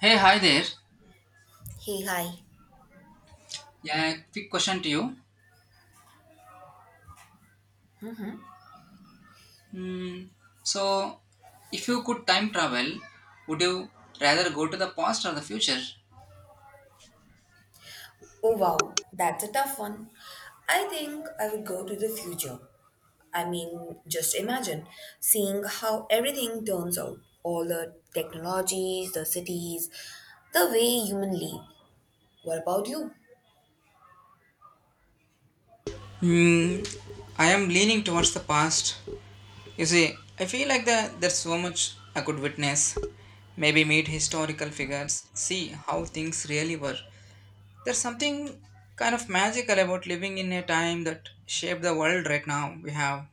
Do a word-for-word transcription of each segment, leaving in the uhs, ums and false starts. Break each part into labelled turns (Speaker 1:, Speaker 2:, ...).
Speaker 1: Hey, hi there.
Speaker 2: Hey, hi.
Speaker 1: Yeah, quick question to you. So, if you could time travel, would you rather go to the past or the future?
Speaker 2: Oh, wow. That's a tough one. I think I would go to the future. I mean, just imagine seeing how everything turns out. All the technologies, the cities, the way human live. What about you?
Speaker 1: Hmm, I am leaning towards the past. You see, I feel like the, there's so much I could witness. Maybe meet historical figures, see how things really were. There's something kind of magical about living in a time that shaped the world right now we have.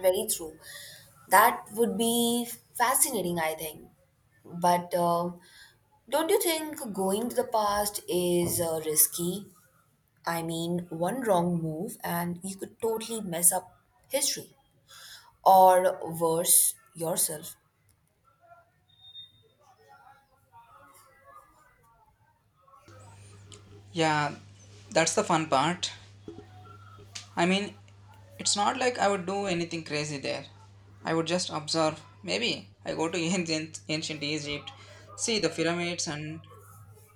Speaker 2: Very true. That would be fascinating, I think. But um don't you think going to the past is uh, risky? I mean, one wrong move and you could totally mess up history. Or worse, yourself.
Speaker 1: Yeah, that's the fun part. I mean, it's not like I would do anything crazy there. I would just observe. Maybe I go to ancient, ancient Egypt, see the pyramids and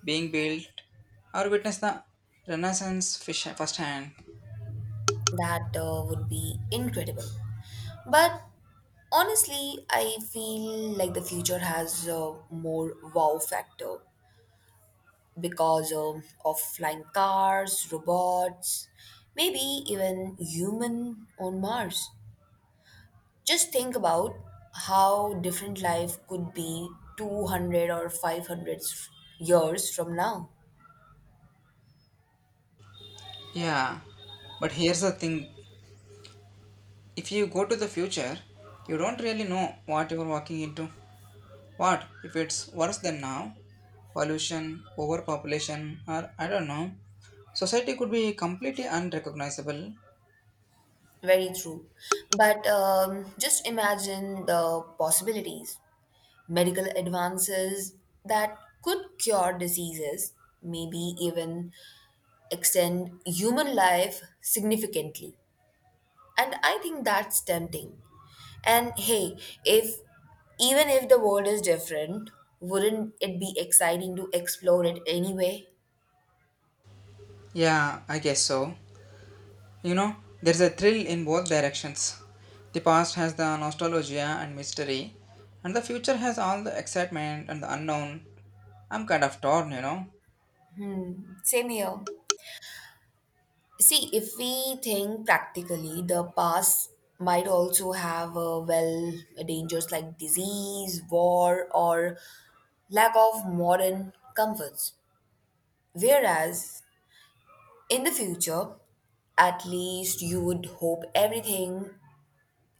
Speaker 1: being built, or witness the Renaissance fish- firsthand.
Speaker 2: That uh, would be incredible. But honestly, I feel like the future has a more wow factor because um, of flying cars, robots, maybe even human on Mars. Just think about how different life could be two hundred or five hundred years from now.
Speaker 1: Yeah, but here's the thing, if you go to the future, you don't really know what you're walking into. What if it's worse than now? Pollution, overpopulation, or I don't know. Society could be completely unrecognizable.
Speaker 2: Very true. But um, Just imagine the possibilities. Medical advances that could cure diseases, maybe even extend human life significantly. And I think that's tempting. And hey, if even if the world is different, wouldn't it be exciting to explore it anyway?
Speaker 1: Yeah, I guess so. You know, there's a thrill in both directions. The past has the nostalgia and mystery, and the future has all the excitement and the unknown. I'm kind of torn, you know.
Speaker 2: Hmm. Same here. See, if we think practically, the past might also have uh, well, dangers like disease, war, or lack of modern comforts. Whereas in the future, at least you would hope everything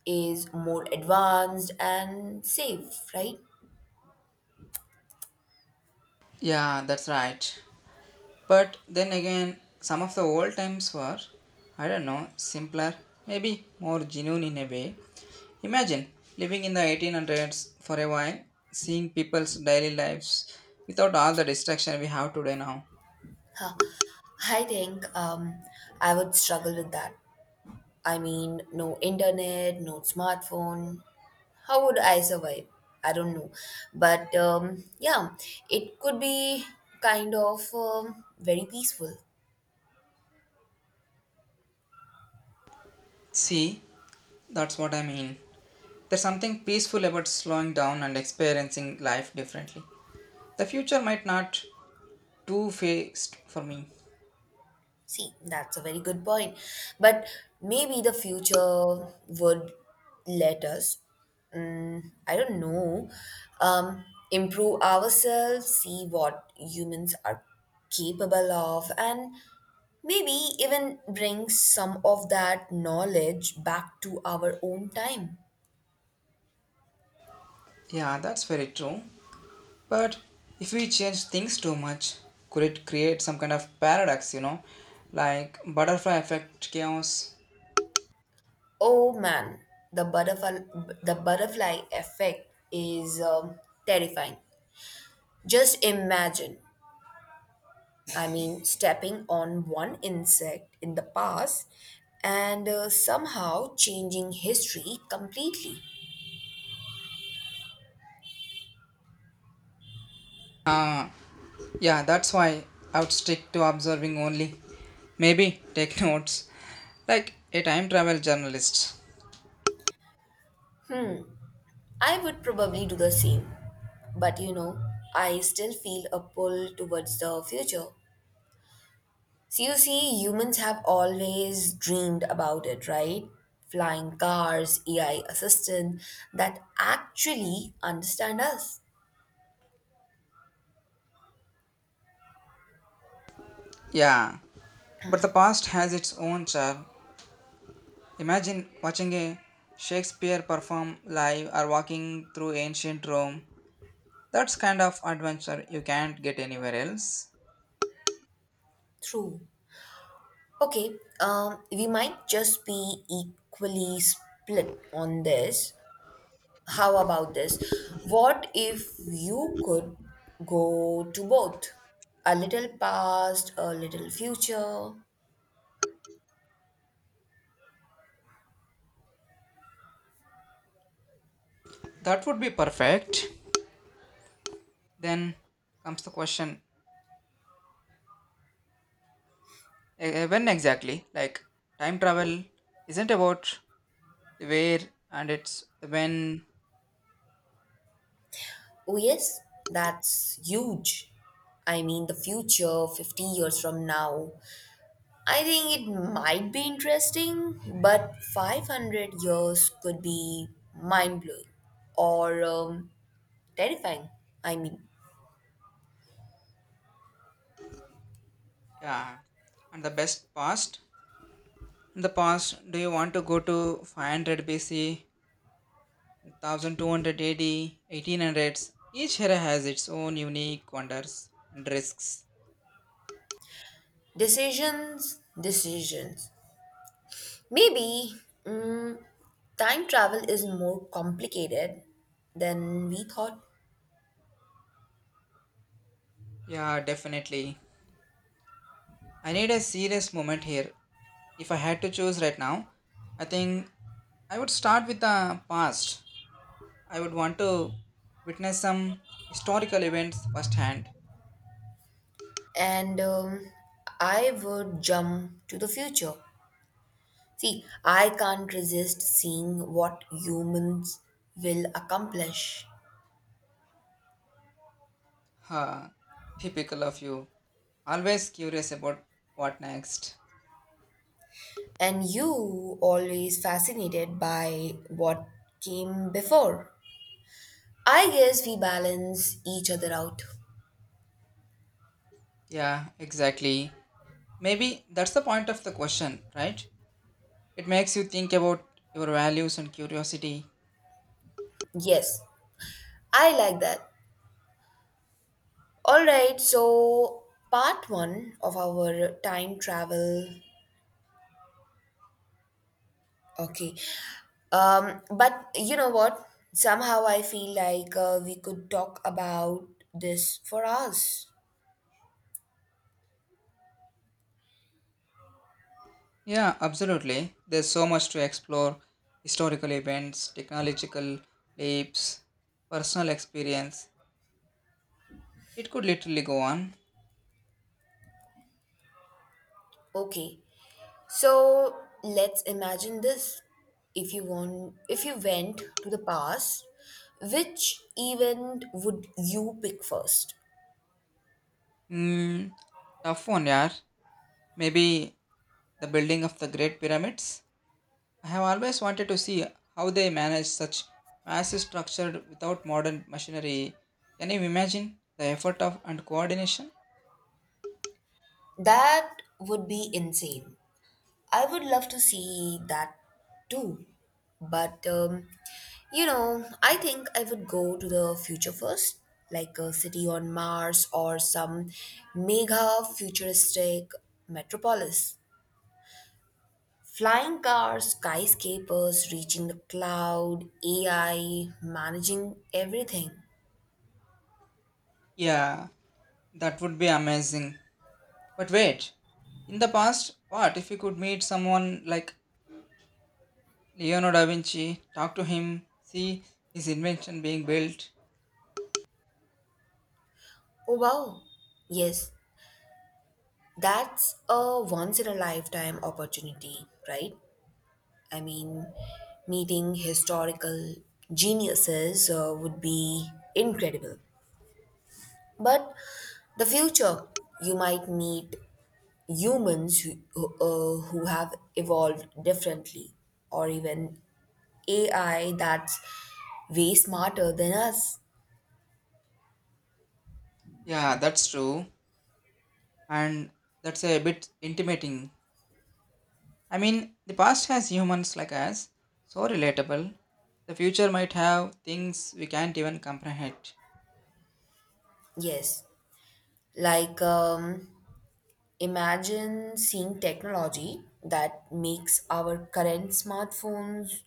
Speaker 2: is more advanced and safe, right?
Speaker 1: Yeah, that's right. But then again, some of the old times were, I don't know, simpler, maybe more genuine in a way. Imagine living in the eighteen hundreds for a while, seeing people's daily lives without all the distraction we have today now.
Speaker 2: Huh. I think um, I would struggle with that. I mean, no internet, no smartphone, how would I survive? I don't know. But um, Yeah, it could be kind of um, very peaceful.
Speaker 1: See, that's what I mean. There's something peaceful about slowing down and experiencing life differently. The future might not too fixed for me.
Speaker 2: See, that's a very good point. But maybe the future would let us, mm, I don't know, um, improve ourselves, see what humans are capable of, and maybe even bring some of that knowledge back to our own time.
Speaker 1: Yeah, that's very true. But if we change things too much, could it create some kind of paradox, you know? Like butterfly effect chaos.
Speaker 2: Oh man, the butterfly the butterfly effect is um, terrifying. Just imagine, I mean, stepping on one insect in the past and uh, somehow changing history completely.
Speaker 1: Ah, yeah, that's why I would stick to observing only. Maybe take notes. Like a time travel journalist.
Speaker 2: I would probably do the same, but you know, I still feel a pull towards the future. So you see, humans have always dreamed about it, right? Flying cars, A I assistant that actually understand us.
Speaker 1: Yeah, but the past has its own charm. Imagine watching a Shakespeare perform live or walking through ancient Rome. That's kind of adventure you can't get anywhere else.
Speaker 2: True. Okay, um, we might just be equally split on this. How about this? What if you could go to both? A little past, a little future.
Speaker 1: That would be perfect. Then comes the question, eh, eh, when exactly? Like, time travel isn't about the where and it's the when.
Speaker 2: Oh, yes, that's huge. I mean, the future fifty years from now. I think it might be interesting, but five hundred years could be mind blowing or um, terrifying. I mean,
Speaker 1: Yeah, and the best past. In the past, do you want to go to five hundred B C, one thousand two hundred eighty, eighteen hundreds. Each era has its own unique wonders and risks.
Speaker 2: decisions, decisions. Maybe mm, time travel is more complicated than we thought,
Speaker 1: Yeah, definitely. I need a serious moment here. If I had to choose right now, I think I would start with the past. I would want to witness some historical events firsthand.
Speaker 2: and um, I would jump to the future. See, I can't resist seeing what humans will accomplish.
Speaker 1: Ha, typical of you. Always curious about what next.
Speaker 2: And you always fascinated by what came before. I guess we balance each other out.
Speaker 1: Yeah, exactly. Maybe that's the point of the question, right? It makes you think about your values and curiosity.
Speaker 2: Yes, I like that. All right, so part one of our time travel. Okay. Um but you know what? Somehow I feel like uh, we could talk about this for hours.
Speaker 1: Yeah, absolutely. There's so much to explore, historical events, technological leaps, personal experience. It could literally go on.
Speaker 2: Okay. So let's imagine this. If you want if you went to the past, which event would you pick first?
Speaker 1: Hmm, tough one, yeah. Maybe the building of the Great Pyramids. I have always wanted to see how they managed such massive structure without modern machinery. Can you imagine the effort of and coordination?
Speaker 2: That would be insane. I would love to see that too. But um, You know, I think I would go to the future first, like a city on Mars or some mega futuristic metropolis. Flying cars, skyscrapers reaching the cloud, A I managing everything.
Speaker 1: Yeah, that would be amazing. But wait, in the past, what if you could meet someone like Leonardo da Vinci, talk to him, see his invention being built?
Speaker 2: Oh wow. Yes, that's a once in a lifetime opportunity, right? I mean, meeting historical geniuses uh, would be incredible. But the future, you might meet humans who, who, uh, who have evolved differently or even A I that's way smarter than us.
Speaker 1: Yeah, that's true. And that's a bit intimating. I mean, the past has humans like us, so relatable. The future might have things we can't even comprehend.
Speaker 2: Yes. Like, um, imagine seeing technology that makes our current smartphones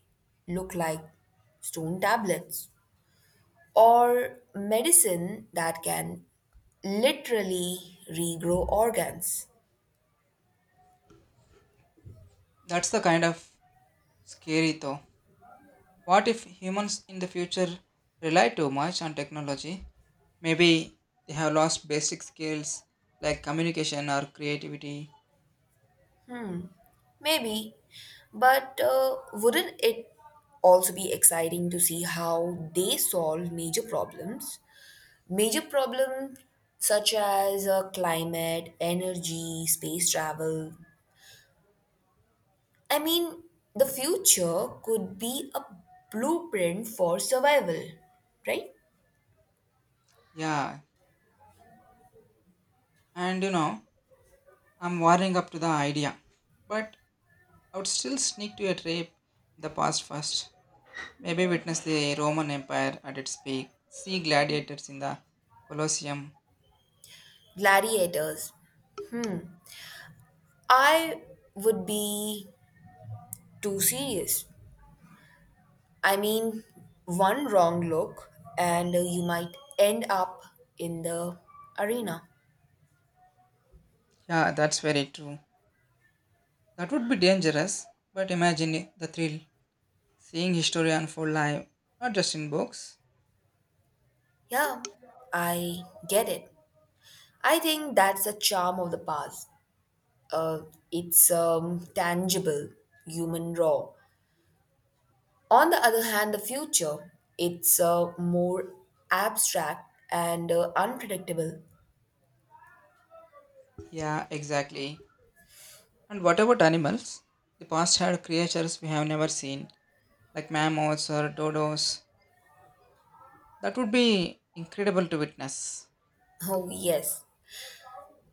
Speaker 2: look like stone tablets or medicine that can literally regrow organs.
Speaker 1: That's the kind of scary though. What if humans in the future rely too much on technology? Maybe they have lost basic skills like communication or creativity.
Speaker 2: Maybe. But uh, wouldn't it also be exciting to see how they solve major problems? Major problems such as uh, climate, energy, space travel. I mean, the future could be a blueprint for survival, right?
Speaker 1: Yeah, and you know, I'm warming up to the idea. But I would still sneak to a trip in the past first. Maybe witness the Roman Empire at its peak, see gladiators in the Colosseum.
Speaker 2: Gladiators. I would be too serious. I mean, one wrong look and you might end up in the arena.
Speaker 1: Yeah, that's very true. That would be dangerous, but imagine the thrill seeing history unfold live, not just in books.
Speaker 2: Yeah, I get it. I think that's the charm of the past. uh, it's um, tangible, human, raw. On the other hand, the future, it's uh, more abstract and uh, unpredictable.
Speaker 1: Yeah, exactly. And what about animals? The past had creatures we have never seen, like mammoths or dodos. That would be incredible to witness.
Speaker 2: Oh, yes.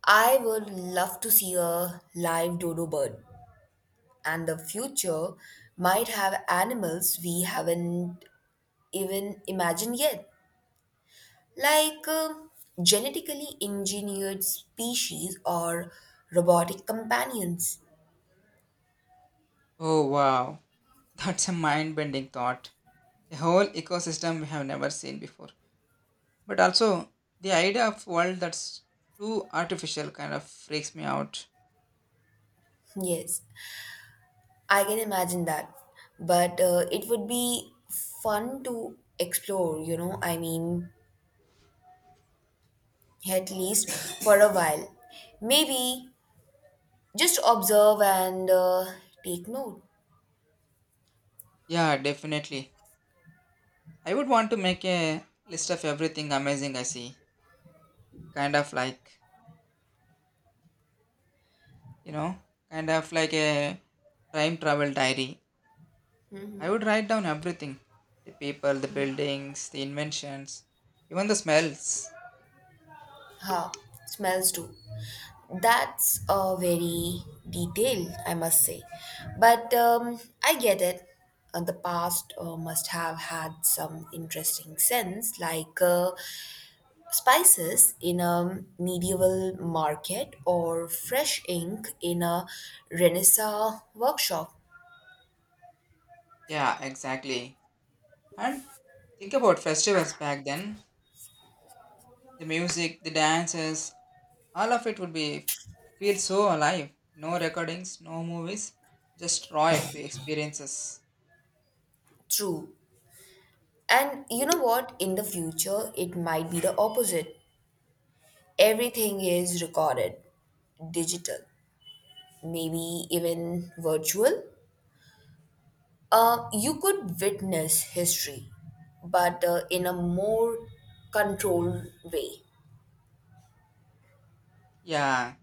Speaker 2: I would love to see a live dodo bird, and the future might have animals we haven't even imagined yet, like uh, genetically engineered species or robotic companions.
Speaker 1: Oh, wow. That's a mind bending thought. A whole ecosystem we have never seen before. But also, the idea of world that's too artificial kind of freaks me out.
Speaker 2: Yes. I can imagine that, but uh, it would be fun to explore, you know. I mean, at least for a while. Maybe just observe and uh, take note.
Speaker 1: Yeah, definitely. I would want to make a list of everything amazing I see. Kind of like, you know, kind of like a time travel diary. I would write down everything, the people, the buildings, the inventions, even the smells.
Speaker 2: Huh, smells too. That's uh, very detailed, I must say. But um, I get it. Uh, the past uh, must have had some interesting scents, like uh, spices in a medieval market or fresh ink in a renaissance workshop.
Speaker 1: Yeah, exactly. And think about festivals back then, the music, the dances, all of it would be feel so alive. No recordings, no movies, just raw exp- experiences.
Speaker 2: True. And you know what, in the future it might be the opposite. Everything is recorded, digital, maybe even virtual. Uh, you could witness history but uh, in a more controlled way.
Speaker 1: Yeah,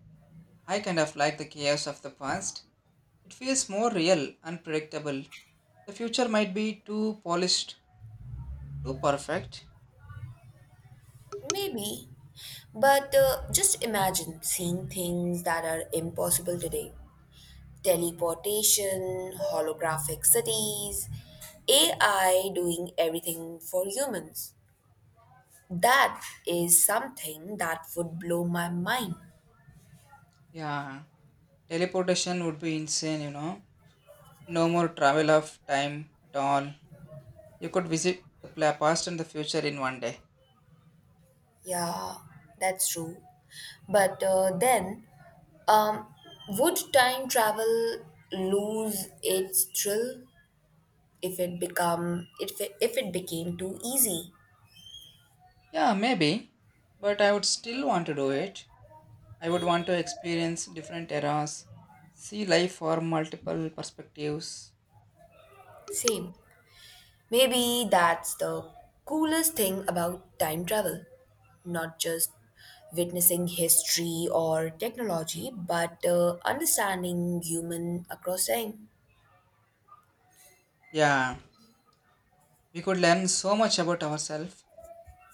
Speaker 1: I kind of like the chaos of the past. It feels more real, unpredictable. The future might be too polished. Too perfect.
Speaker 2: Maybe. But uh, just imagine seeing things that are impossible today: teleportation, holographic cities, A I doing everything for humans. That is something that would blow my mind.
Speaker 1: Yeah. Teleportation would be insane, you know. No more travel of time at all. You could visit the pla- past and the future in one day.
Speaker 2: Yeah, that's true. But uh, then, um, would time travel lose its thrill if it become if it, if it became too easy?
Speaker 1: Yeah, maybe. But I would still want to do it. I would want to experience different eras, see life from multiple perspectives.
Speaker 2: Same. Maybe that's the coolest thing about time travel. Not just witnessing history or technology, but uh, understanding human across time.
Speaker 1: Yeah. We could learn so much about ourselves.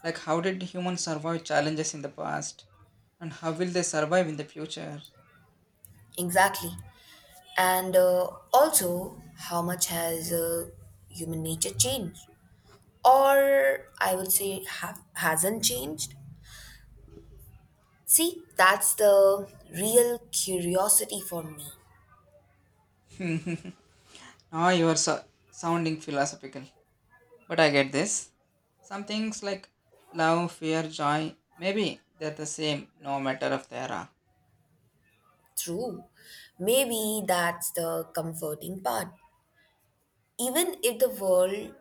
Speaker 1: Like, how did humans survive challenges in the past? And how will they survive in the future?
Speaker 2: Exactly. And uh, also, how much has uh, human nature changed? Or I would say, have, hasn't changed? See, that's the real curiosity for me.
Speaker 1: Now you are so- sounding philosophical. But I get this. Some things like love, fear, joy, maybe they're the same no matter of the era.
Speaker 2: True. Maybe that's the comforting part. Even if the world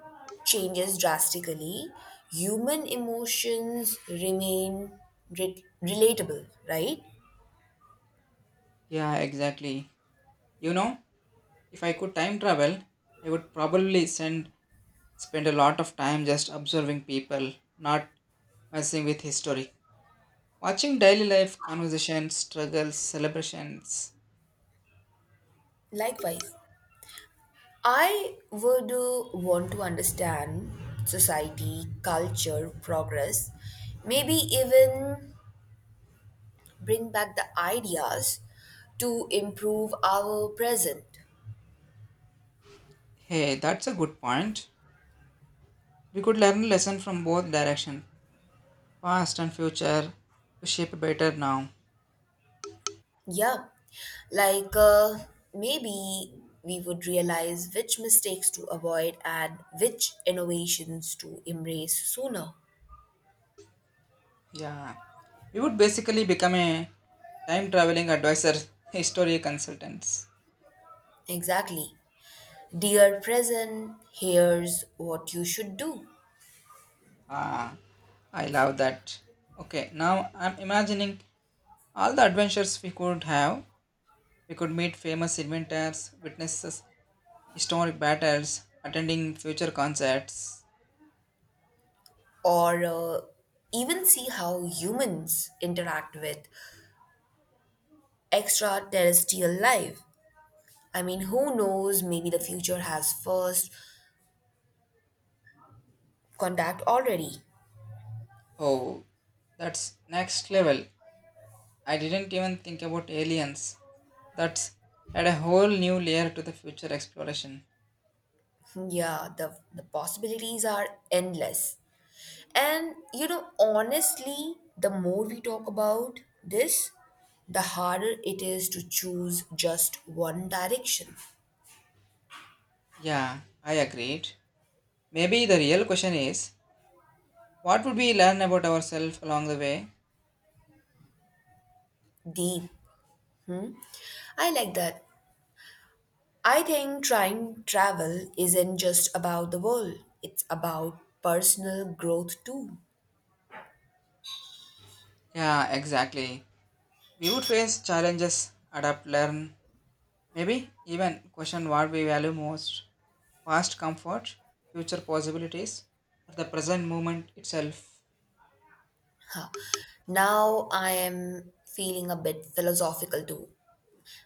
Speaker 2: changes drastically, human emotions remain re- relatable, right?
Speaker 1: Yeah, exactly. You know, if I could time travel, I would probably send spend a lot of time just observing people, not messing with history. Watching daily life, conversations, struggles, celebrations.
Speaker 2: Likewise, I would uh, want to understand society, culture, progress, maybe even bring back the ideas to improve our present.
Speaker 1: Hey, that's a good point. We could learn lesson from both direction, past and future, to shape better now.
Speaker 2: Yeah, like uh, maybe we would realize which mistakes to avoid and which innovations to embrace sooner.
Speaker 1: Yeah, we would basically become a time traveling advisor, history consultants.
Speaker 2: Exactly. Dear present, here's what you should do.
Speaker 1: Ah, I love that. Okay, now I'm imagining all the adventures we could have. We could meet famous inventors, witness historic battles, attending future concerts.
Speaker 2: Or uh, even see how humans interact with extraterrestrial life. I mean, who knows? Maybe the future has first contact already.
Speaker 1: Oh, that's next level. I didn't even think about aliens. That's add a whole new layer to the future exploration.
Speaker 2: Yeah, the, the possibilities are endless. And you know, honestly, the more we talk about this, the harder it is to choose just one direction.
Speaker 1: Yeah, I agreed. Maybe the real question is, what would we learn about ourselves along the way?
Speaker 2: Deep. I like that. I think trying travel isn't just about the world, it's about personal growth too.
Speaker 1: Yeah, exactly. We would face challenges, adapt, learn, maybe even question what we value most, past comfort, future possibilities, or the present moment itself.
Speaker 2: Huh. Now I am feeling a bit philosophical too.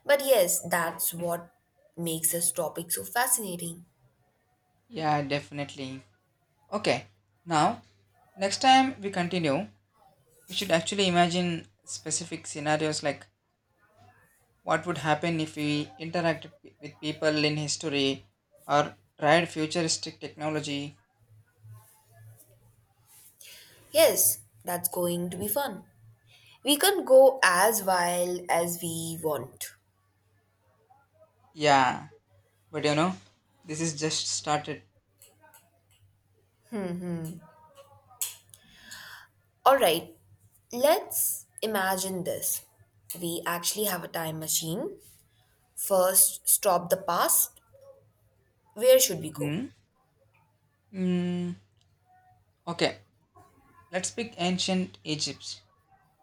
Speaker 2: But yes, that's what makes this topic so fascinating.
Speaker 1: Yeah, definitely. Okay, now next time we continue, we should actually imagine specific scenarios like what would happen if we interacted with people in history or tried futuristic technology.
Speaker 2: Yes, that's going to be fun. We can go as wild as we want.
Speaker 1: Yeah. But you know, this is just started.
Speaker 2: All right, let's imagine this. We actually have a time machine. First, stop the past. Where should we go?
Speaker 1: Hmm? Mm, okay, let's pick ancient Egypt.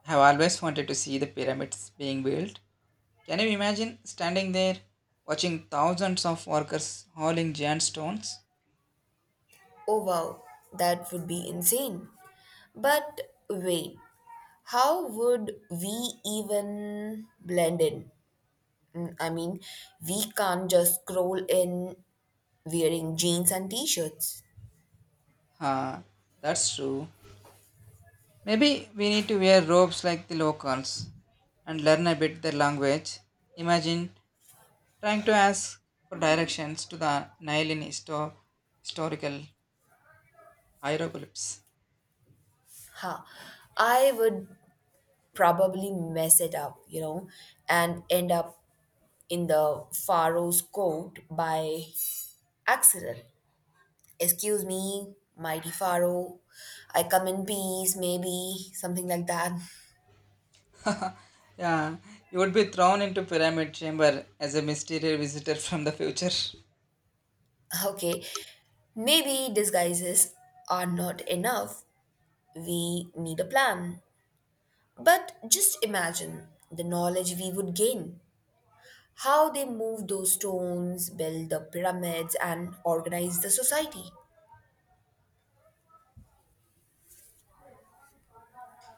Speaker 1: I have always wanted to see the pyramids being built. Can you imagine standing there watching thousands of workers hauling giant stones?
Speaker 2: Oh, wow, that would be insane. But wait, how would we even blend in? Mm, I mean, we can't just scroll in wearing jeans and t shirts.
Speaker 1: Huh, that's true. Maybe we need to wear robes like the locals and learn a bit their language. Imagine trying to ask for directions to the Nile in histo- historical hieroglyphs.
Speaker 2: Ha, I would probably mess it up, you know, and end up in the Pharaoh's court by accident. Excuse me, mighty Pharaoh. I come in peace, maybe, something like that.
Speaker 1: Yeah, you would be thrown into pyramid chamber as a mysterious visitor from the future.
Speaker 2: Okay, maybe disguises are not enough. We need a plan. But just imagine the knowledge we would gain. How they moved those stones, built the pyramids, and organized the society.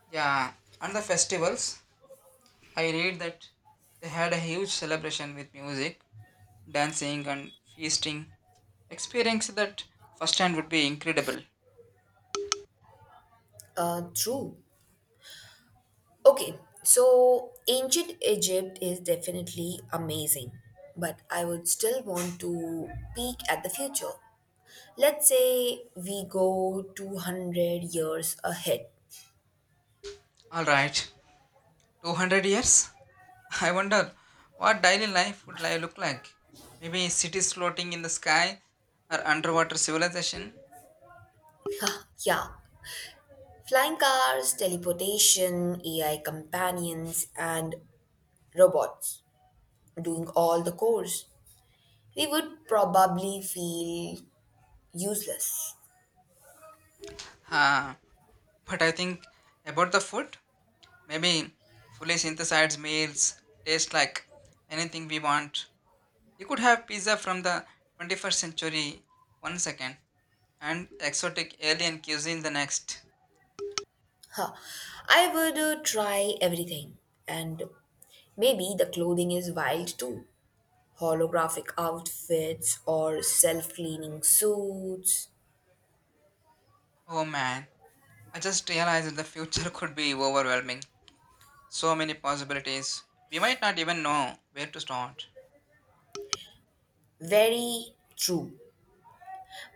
Speaker 1: Yeah, and the festivals. I read that they had a huge celebration with music, dancing, and feasting. Experience that firsthand would be incredible.
Speaker 2: Uh, true. Okay, so ancient Egypt is definitely amazing, but I would still want to peek at the future. Let's say we go two hundred years ahead.
Speaker 1: All right, two hundred years? I wonder what daily life would li- look like. Maybe cities floating in the sky or underwater civilization.
Speaker 2: Yeah, flying cars, teleportation, A I companions, and robots doing all the chores. We would probably feel useless.
Speaker 1: Ah, but I think about the food. Maybe fully synthesized meals taste like anything we want. You could have pizza from the twenty-first century one second and exotic alien cuisine the next.
Speaker 2: Huh. I would uh, try everything. And maybe the clothing is wild too. Holographic outfits or self cleaning suits.
Speaker 1: Oh man, I just realized that the future could be overwhelming. So many possibilities. We might not even know where to start.
Speaker 2: Very true.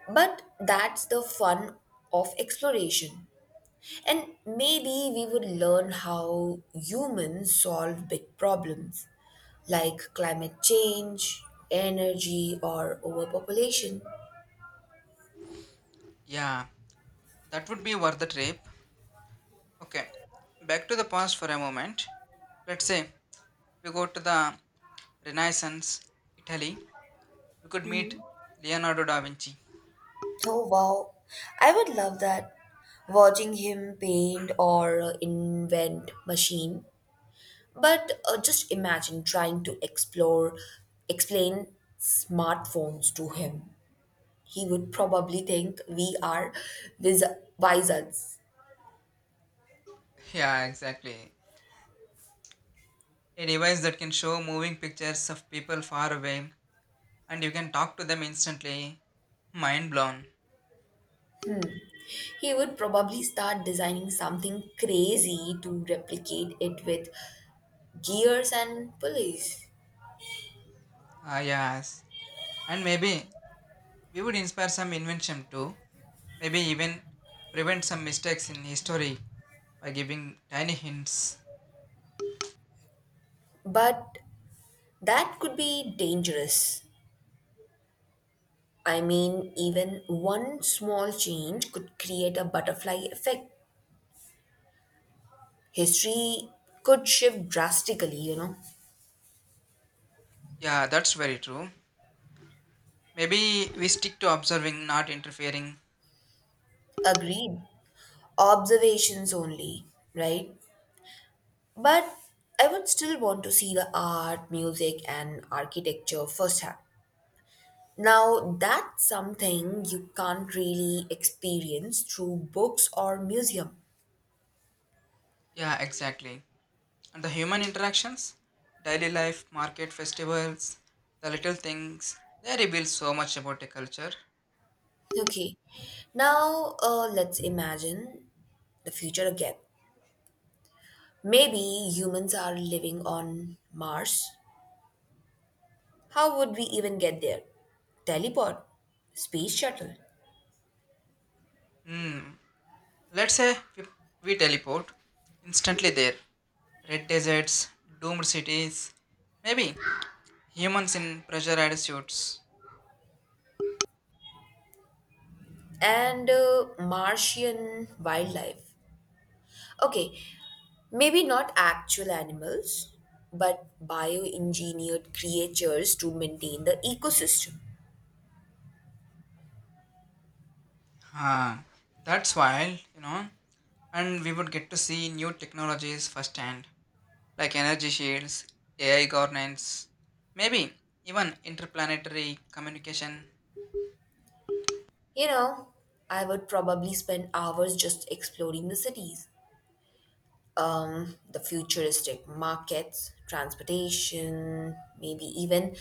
Speaker 2: But that's the fun of exploration. And maybe we would learn how humans solve big problems like climate change, energy, or overpopulation.
Speaker 1: Yeah, that would be worth the trip. Okay, back to the past for a moment. Let's say we go to the Renaissance, Italy. You could meet Leonardo da Vinci.
Speaker 2: Oh wow, I would love that. Watching him paint or uh, invent machine. But uh, just imagine trying to explore, explain smartphones to him. He would probably think we are wiz- wizards.
Speaker 1: Yeah, exactly. A device that can show moving pictures of people far away and you can talk to them instantly. Mind blown.
Speaker 2: He would probably start designing something crazy to replicate it with gears and pulleys.
Speaker 1: Ah, yes. And maybe we would inspire some invention too. Maybe even prevent some mistakes in history by giving tiny hints.
Speaker 2: But that could be dangerous. I mean, even one small change could create a butterfly effect. History could shift drastically, you know.
Speaker 1: Yeah, that's very true. Maybe we stick to observing, not interfering.
Speaker 2: Agreed. Observations only, right? But I would still want to see the art, music, and architecture firsthand. Now, that's something you can't really experience through books or museum.
Speaker 1: Yeah, exactly. And the human interactions, daily life, market, festivals, the little things, they reveal so much about a culture.
Speaker 2: Okay, now uh, let's imagine the future again. Maybe humans are living on Mars. How would we even get there? Teleport, space shuttle,
Speaker 1: Hmm. Let's say we, we teleport instantly there. Red deserts, doomed cities, maybe humans in pressure attitudes.
Speaker 2: and uh, Martian wildlife. Okay, maybe not actual animals, but bioengineered creatures to maintain the ecosystem.
Speaker 1: Ah, that's wild, you know. And we would get to see new technologies firsthand, like energy shields, A I governance, maybe even interplanetary communication.
Speaker 2: You know, I would probably spend hours just exploring the cities, um, the futuristic markets, transportation, maybe even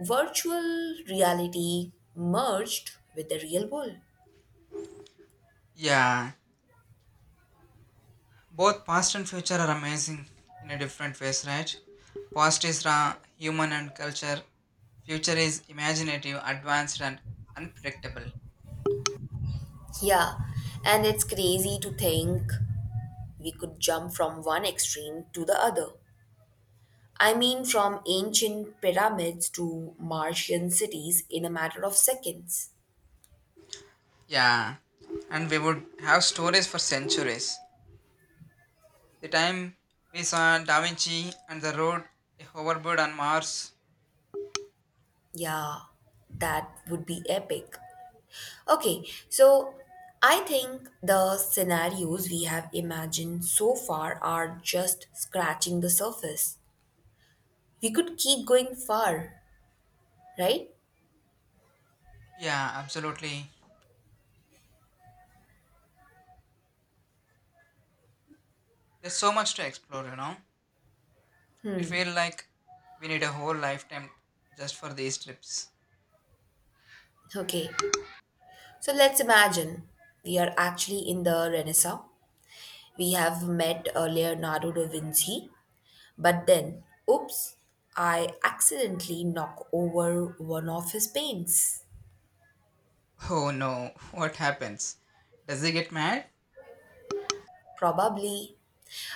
Speaker 2: virtual reality merged with the real world.
Speaker 1: Yeah, both past and future are amazing in a different ways, right? Past is raw, human, and culture. Future is imaginative, advanced, and unpredictable.
Speaker 2: Yeah, and it's crazy to think we could jump from one extreme to the other. I mean, from ancient pyramids to Martian cities in a matter of seconds.
Speaker 1: Yeah, and we would have stories for centuries, the time we saw da Vinci and the road a hoverboard on Mars.
Speaker 2: Yeah, that would be epic. Okay, so I think the scenarios we have imagined so far are just scratching the surface. We could keep going far, right?
Speaker 1: Yeah, absolutely. There's so much to explore, you know. It feels like we need a whole lifetime just for these trips.
Speaker 2: Okay, so let's imagine we are actually in the Renaissance. We have met uh, Leonardo da Vinci, but then, oops, I accidentally knock over one of his paints.
Speaker 1: Oh no, what happens? Does he get mad?
Speaker 2: Probably.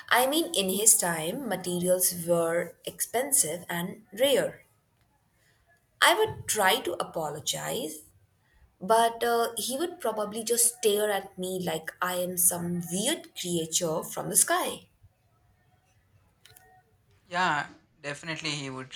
Speaker 2: I mean, in his time, materials were expensive and rare. I would try to apologize, but uh, he would probably just stare at me like I am some weird creature from the sky.
Speaker 1: Yeah, definitely he would.